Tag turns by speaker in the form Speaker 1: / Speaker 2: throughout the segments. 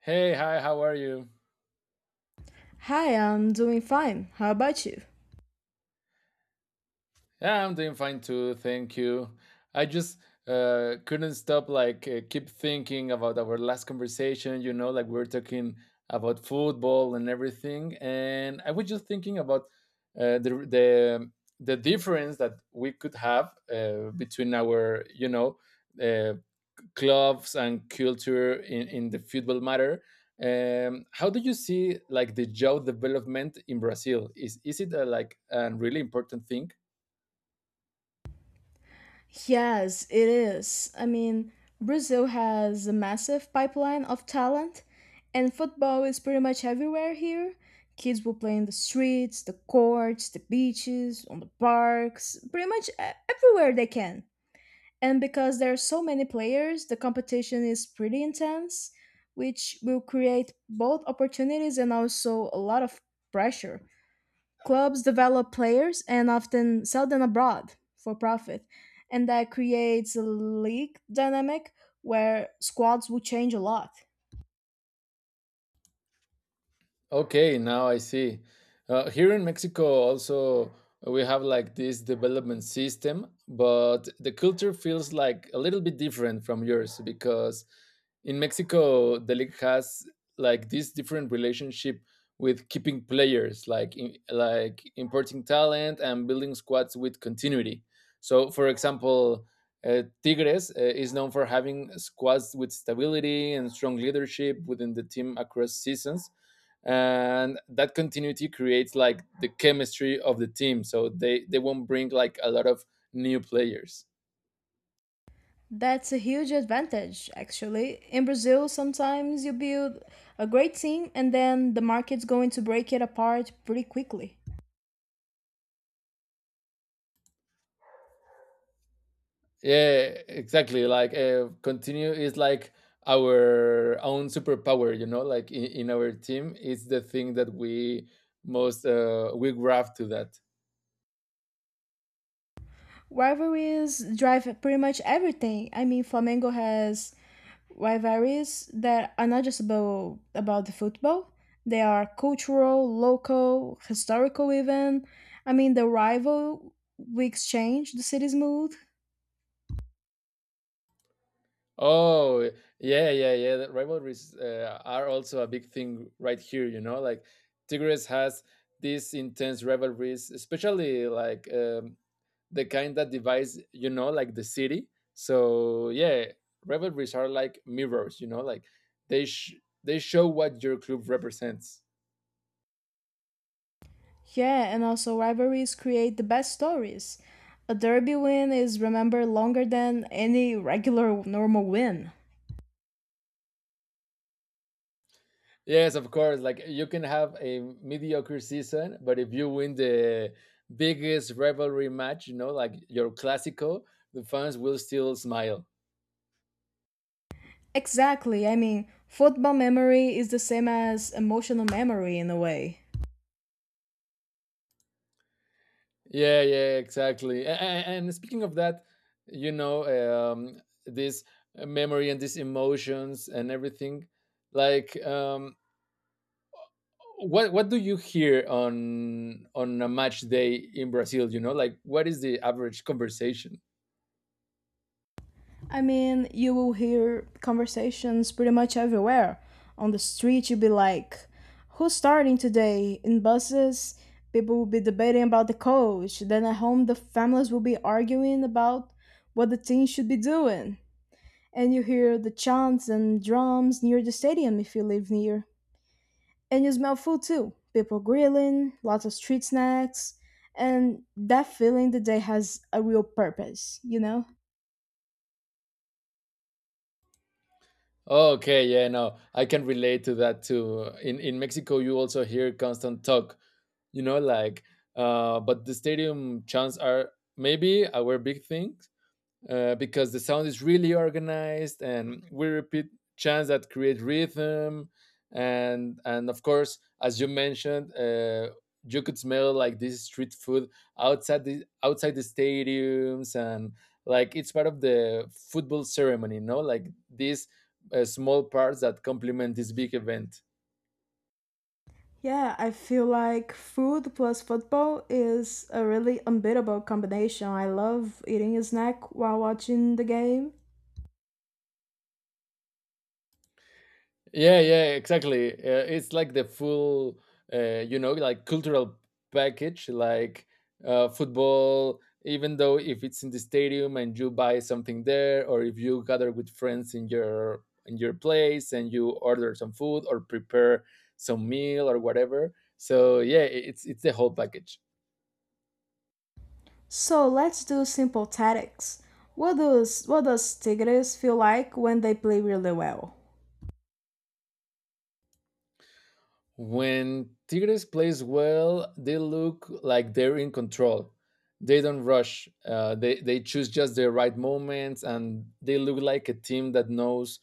Speaker 1: Hey, hi, how are you?
Speaker 2: Hi, I'm doing fine. How about you?
Speaker 1: Yeah, I'm doing fine too, thank you. I just couldn't stop, like, keep thinking about our last conversation, like we were talking about football and everything. And I was just thinking about uh, the, the, the difference that we could have between our, uh, clubs and culture in the football matter. How do you see like the job development in Brazil? Is it like a really important thing?
Speaker 2: Yes, it is. I mean, Brazil has a massive pipeline of talent, and football is pretty much everywhere here. Kids will play in the streets, the courts, the beaches, on the parks, pretty much everywhere they can. And because there are so many players, the competition is pretty intense, which will create both opportunities and also a lot of pressure. Clubs develop players and often sell them abroad for profit, and that creates a league dynamic where squads will change a lot.
Speaker 1: Okay, now I see. Here in Mexico, also, we have like this development system, but the culture feels like a little bit different from yours because in Mexico, the league has like this different relationship with keeping players, like importing talent and building squads with continuity. So, for example, Tigres is known for having squads with stability and strong leadership within the team across seasons, and that continuity creates like the chemistry of the team, so they won't bring like a lot of new players.
Speaker 2: That's a huge advantage, actually. In Brazil, sometimes you build a great team and then the market's going to break it apart pretty quickly.
Speaker 1: Yeah, exactly, like continue is like our own superpower, like in our team it's the thing that we most we graft to that.
Speaker 2: Rivalries drive pretty much everything. I mean, Flamengo has rivalries that are not just about the football. They are cultural, local, historical even. I mean, the rival we exchange the city's mood.
Speaker 1: Oh, yeah, yeah, yeah, that rivalries are also a big thing right here, like Tigres has these intense rivalries, especially like the kind that divides, like the city. So yeah, rivalries are like mirrors, like they sh- they show what your club represents.
Speaker 2: Yeah, and also rivalries create the best stories. A derby win is remembered longer than any regular normal win.
Speaker 1: Yes, of course, like you can have a mediocre season, but if you win the biggest rivalry match, like your clasico, the fans will still smile.
Speaker 2: Exactly. I mean, football memory is the same as emotional memory in a way.
Speaker 1: Yeah, yeah, exactly. And speaking of that, you know um this memory and these emotions and everything, like um what do you hear on a match day in Brazil? Like what is the average conversation?
Speaker 2: I mean, you will hear conversations pretty much everywhere. On the street, you'll be like, who's starting today? In buses, people will be debating about the coach. Then at home, the families will be arguing about what the team should be doing. And you hear the chants and drums near the stadium if you live near. And you smell food too. People grilling, lots of street snacks, and that feeling the day has a real purpose, you know?
Speaker 1: Okay, yeah, no, I can relate to that too. In Mexico, you also hear constant talk. Like, but the stadium chants are maybe our big thing, because the sound is really organized and we repeat chants that create rhythm. And of course, as you mentioned, you could smell like this street food outside the stadiums, and like it's part of the football ceremony, no, like these small parts that complement this big event.
Speaker 2: Yeah, I feel like food plus football is a really unbeatable combination. I love eating a snack while watching the game.
Speaker 1: Yeah, yeah, exactly. It's like the full, like cultural package, like football. Even though if it's in the stadium and you buy something there, or if you gather with friends in your place and you order some food or prepare some meal or whatever. So yeah, it's the whole package.
Speaker 2: So let's do simple tactics. What does Tigres feel like when they play really well?
Speaker 1: When Tigres plays well, they look like they're in control. They don't rush. They choose just the right moments, and they look like a team that knows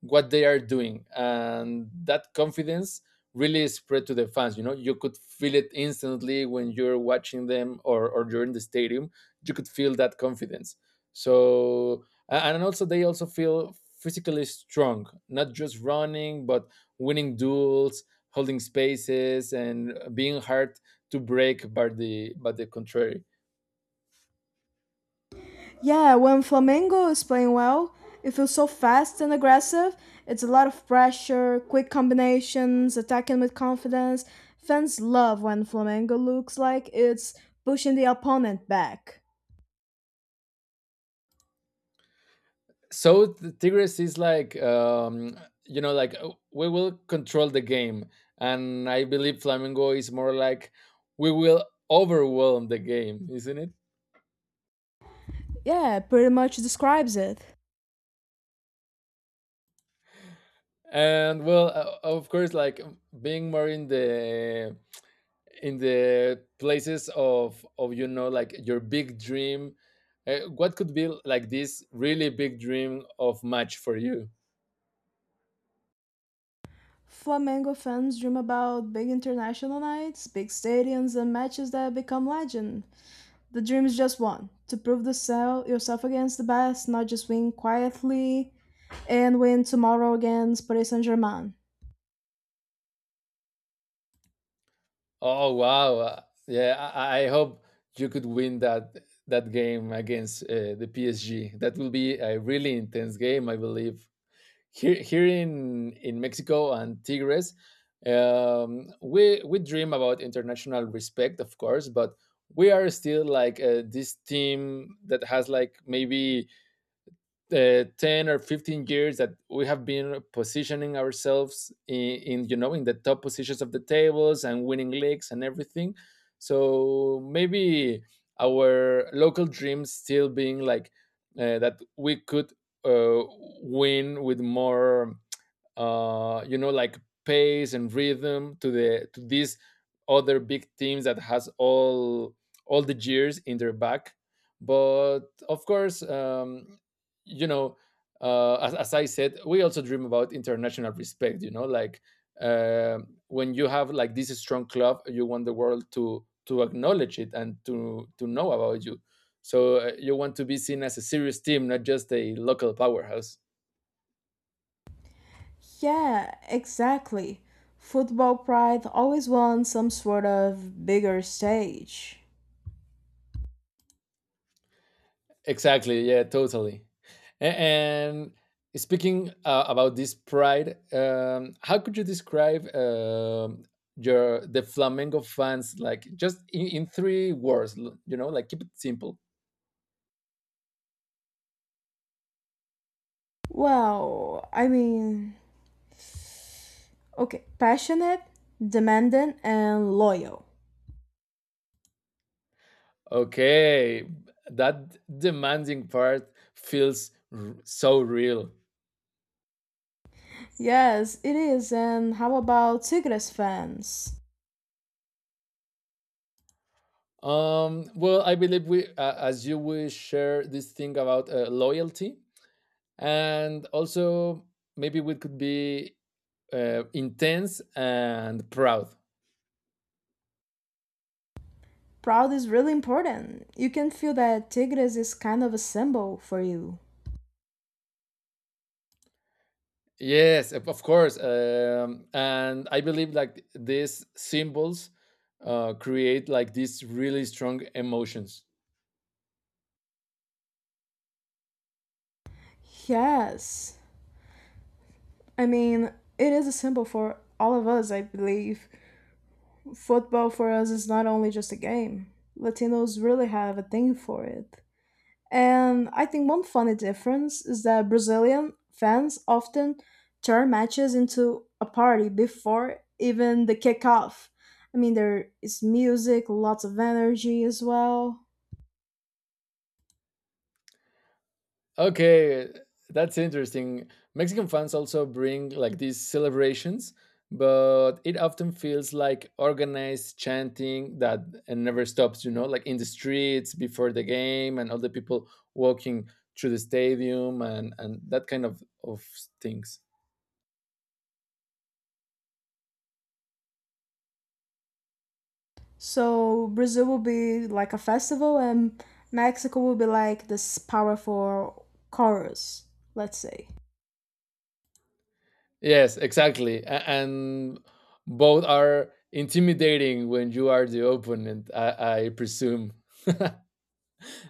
Speaker 1: what they are doing. And that confidence really spread to the fans. You could feel it instantly when you're watching them or you're in the stadium. You could feel that confidence. So and also they also feel physically strong, not just running but winning duels, holding spaces, and being hard to break by the contrary.
Speaker 2: Yeah, when Flamengo is playing well, it feels so fast and aggressive. It's a lot of pressure, quick combinations, attacking with confidence. Fans love when Flamengo looks like it's pushing the opponent back.
Speaker 1: So the Tigres is like like we will control the game. And I believe Flamengo is more like we will overwhelm the game, isn't it?
Speaker 2: Yeah, pretty much describes it.
Speaker 1: And well, of course, like being more in the places of, like, your big dream, what could be like this really big dream of match for you?
Speaker 2: Flamengo fans dream about big international nights, big stadiums, and matches that become legend. The dream is just one to prove the sell yourself against the best, not just win quietly and win tomorrow against Paris Saint Germain.
Speaker 1: Oh wow! Yeah, I hope you could win that game against the PSG. That will be a really intense game, I believe. Here in Mexico and Tigres, we dream about international respect, of course, but we are still like this team that has like maybe 10 or 15 years that we have been positioning ourselves in you know in the top positions of the tables and winning leagues and everything. So maybe our local dreams still being like that we could win with more like pace and rhythm to the to these other big teams that has all the years in their back. But of course, you know, as I said, we also dream about international respect. Like uh, when you have like this strong club, you want the world to acknowledge it, and to know about you. So you want to be seen as a serious team, not just a local powerhouse.
Speaker 2: Yeah, exactly. Football pride always wants some sort of bigger stage.
Speaker 1: Exactly. Yeah, totally. And speaking about this pride, how could you describe your the Flamengo fans, like, just in three words, like keep it simple.
Speaker 2: Well, I mean, okay, passionate, demanding, and loyal.
Speaker 1: Okay, that demanding part feels so real.
Speaker 2: Yes, it is. And how about Tigres fans?
Speaker 1: Well, I believe we, as you, we share this thing about loyalty, and also maybe we could be intense and proud.
Speaker 2: Proud is really important. You can feel that Tigres is kind of a symbol for you.
Speaker 1: Yes, of course. And I believe like these symbols create like these really strong emotions.
Speaker 2: Yes. I mean, it is a symbol for all of us, I believe. Football for us is not only just a game, Latinos really have a thing for it. And I think one funny difference is that Brazilian fans often turn matches into a party before even the kickoff. I mean, there is music, lots of energy as well.
Speaker 1: Okay, that's interesting. Mexican fans also bring like these celebrations, but it often feels like organized chanting that and never stops, like in the streets before the game and all the people walking through the stadium, and that kind of things.
Speaker 2: So Brazil will be like a festival, and Mexico will be like this powerful chorus, let's say.
Speaker 1: Yes, exactly. And both are intimidating when you are the opponent, I presume.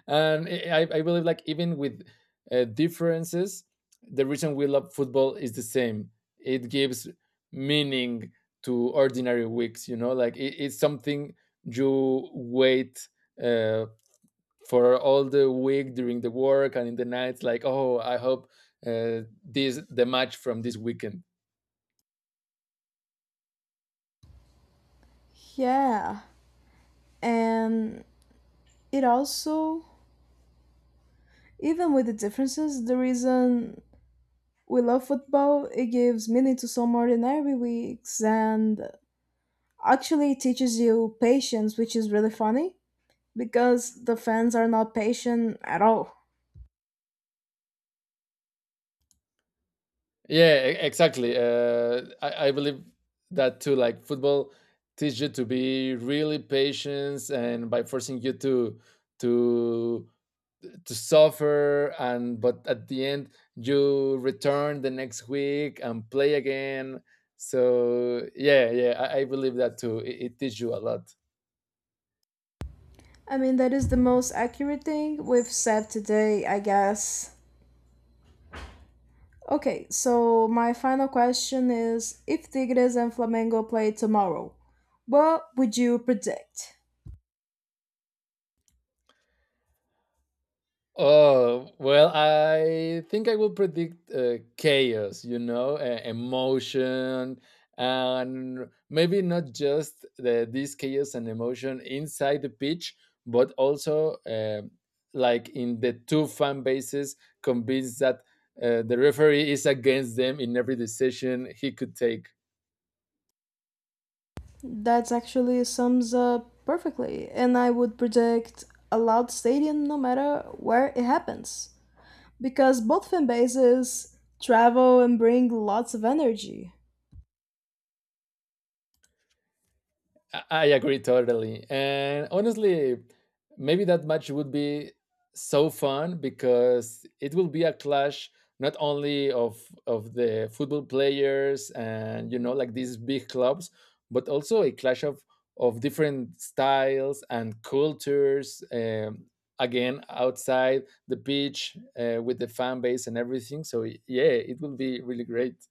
Speaker 1: And I believe, like, even with differences, the reason we love football is the same. It gives meaning to ordinary weeks, like it's something you wait uh, for all the week during the work and in the nights, like, oh, I hope this the match from this weekend.
Speaker 2: Yeah, and it also, even with the differences, the reason we love football. It gives meaning to some ordinary weeks and actually teaches you patience, which is really funny because the fans are not patient at all.
Speaker 1: Yeah, exactly. I believe that too. Like football teaches you to be really patient, and by forcing you to to suffer, and but at the end you return the next week and play again. So yeah, yeah, I believe that too. It teaches you a lot.
Speaker 2: I mean, that is the most accurate thing we've said today, I guess. Okay, so my final question is if Tigres and Flamengo play tomorrow, what would you predict?
Speaker 1: Oh, well, I think I will predict chaos, emotion, and maybe not just this chaos and emotion inside the pitch, but also like in the two fan bases convinced that the referee is against them in every decision he could take.
Speaker 2: That actually sums up perfectly, and I would predict a loud stadium no matter where it happens, because both fan bases travel and bring lots of energy.
Speaker 1: I agree totally. And honestly, maybe that match would be so fun because it will be a clash not only of the football players and, like, these big clubs, but also a clash of different styles and cultures. Again, outside the pitch, with the fan base and everything. So yeah, it will be really great.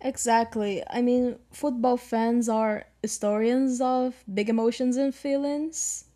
Speaker 2: Exactly. I mean, football fans are historians of big emotions and feelings.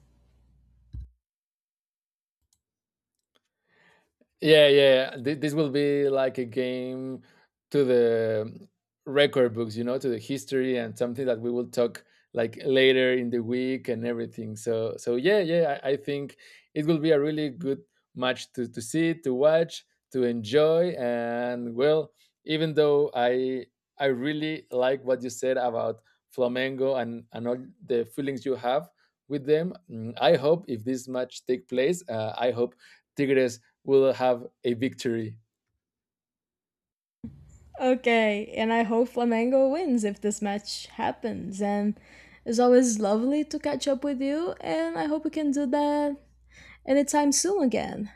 Speaker 1: Yeah, yeah. This will be like a game to the record books, to the history and something that we will talk like later in the week and everything. So yeah, yeah. I think it will be a really good match to see, to watch, to enjoy, and well, even though I really like what you said about Flamengo and all the feelings you have with them, I hope if this match take place, I hope Tigres will have a victory.
Speaker 2: Okay, and I hope Flamengo wins if this match happens. And it's always lovely to catch up with you, and I hope we can do that anytime soon again.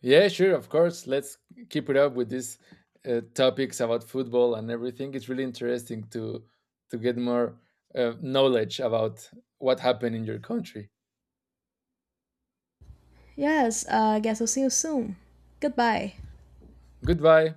Speaker 1: Yeah, sure, of course. Let's keep it up with these topics about football and everything. It's really interesting to get more knowledge about what happened in your country.
Speaker 2: Yes, I guess I'll see you soon. Goodbye.
Speaker 1: Goodbye.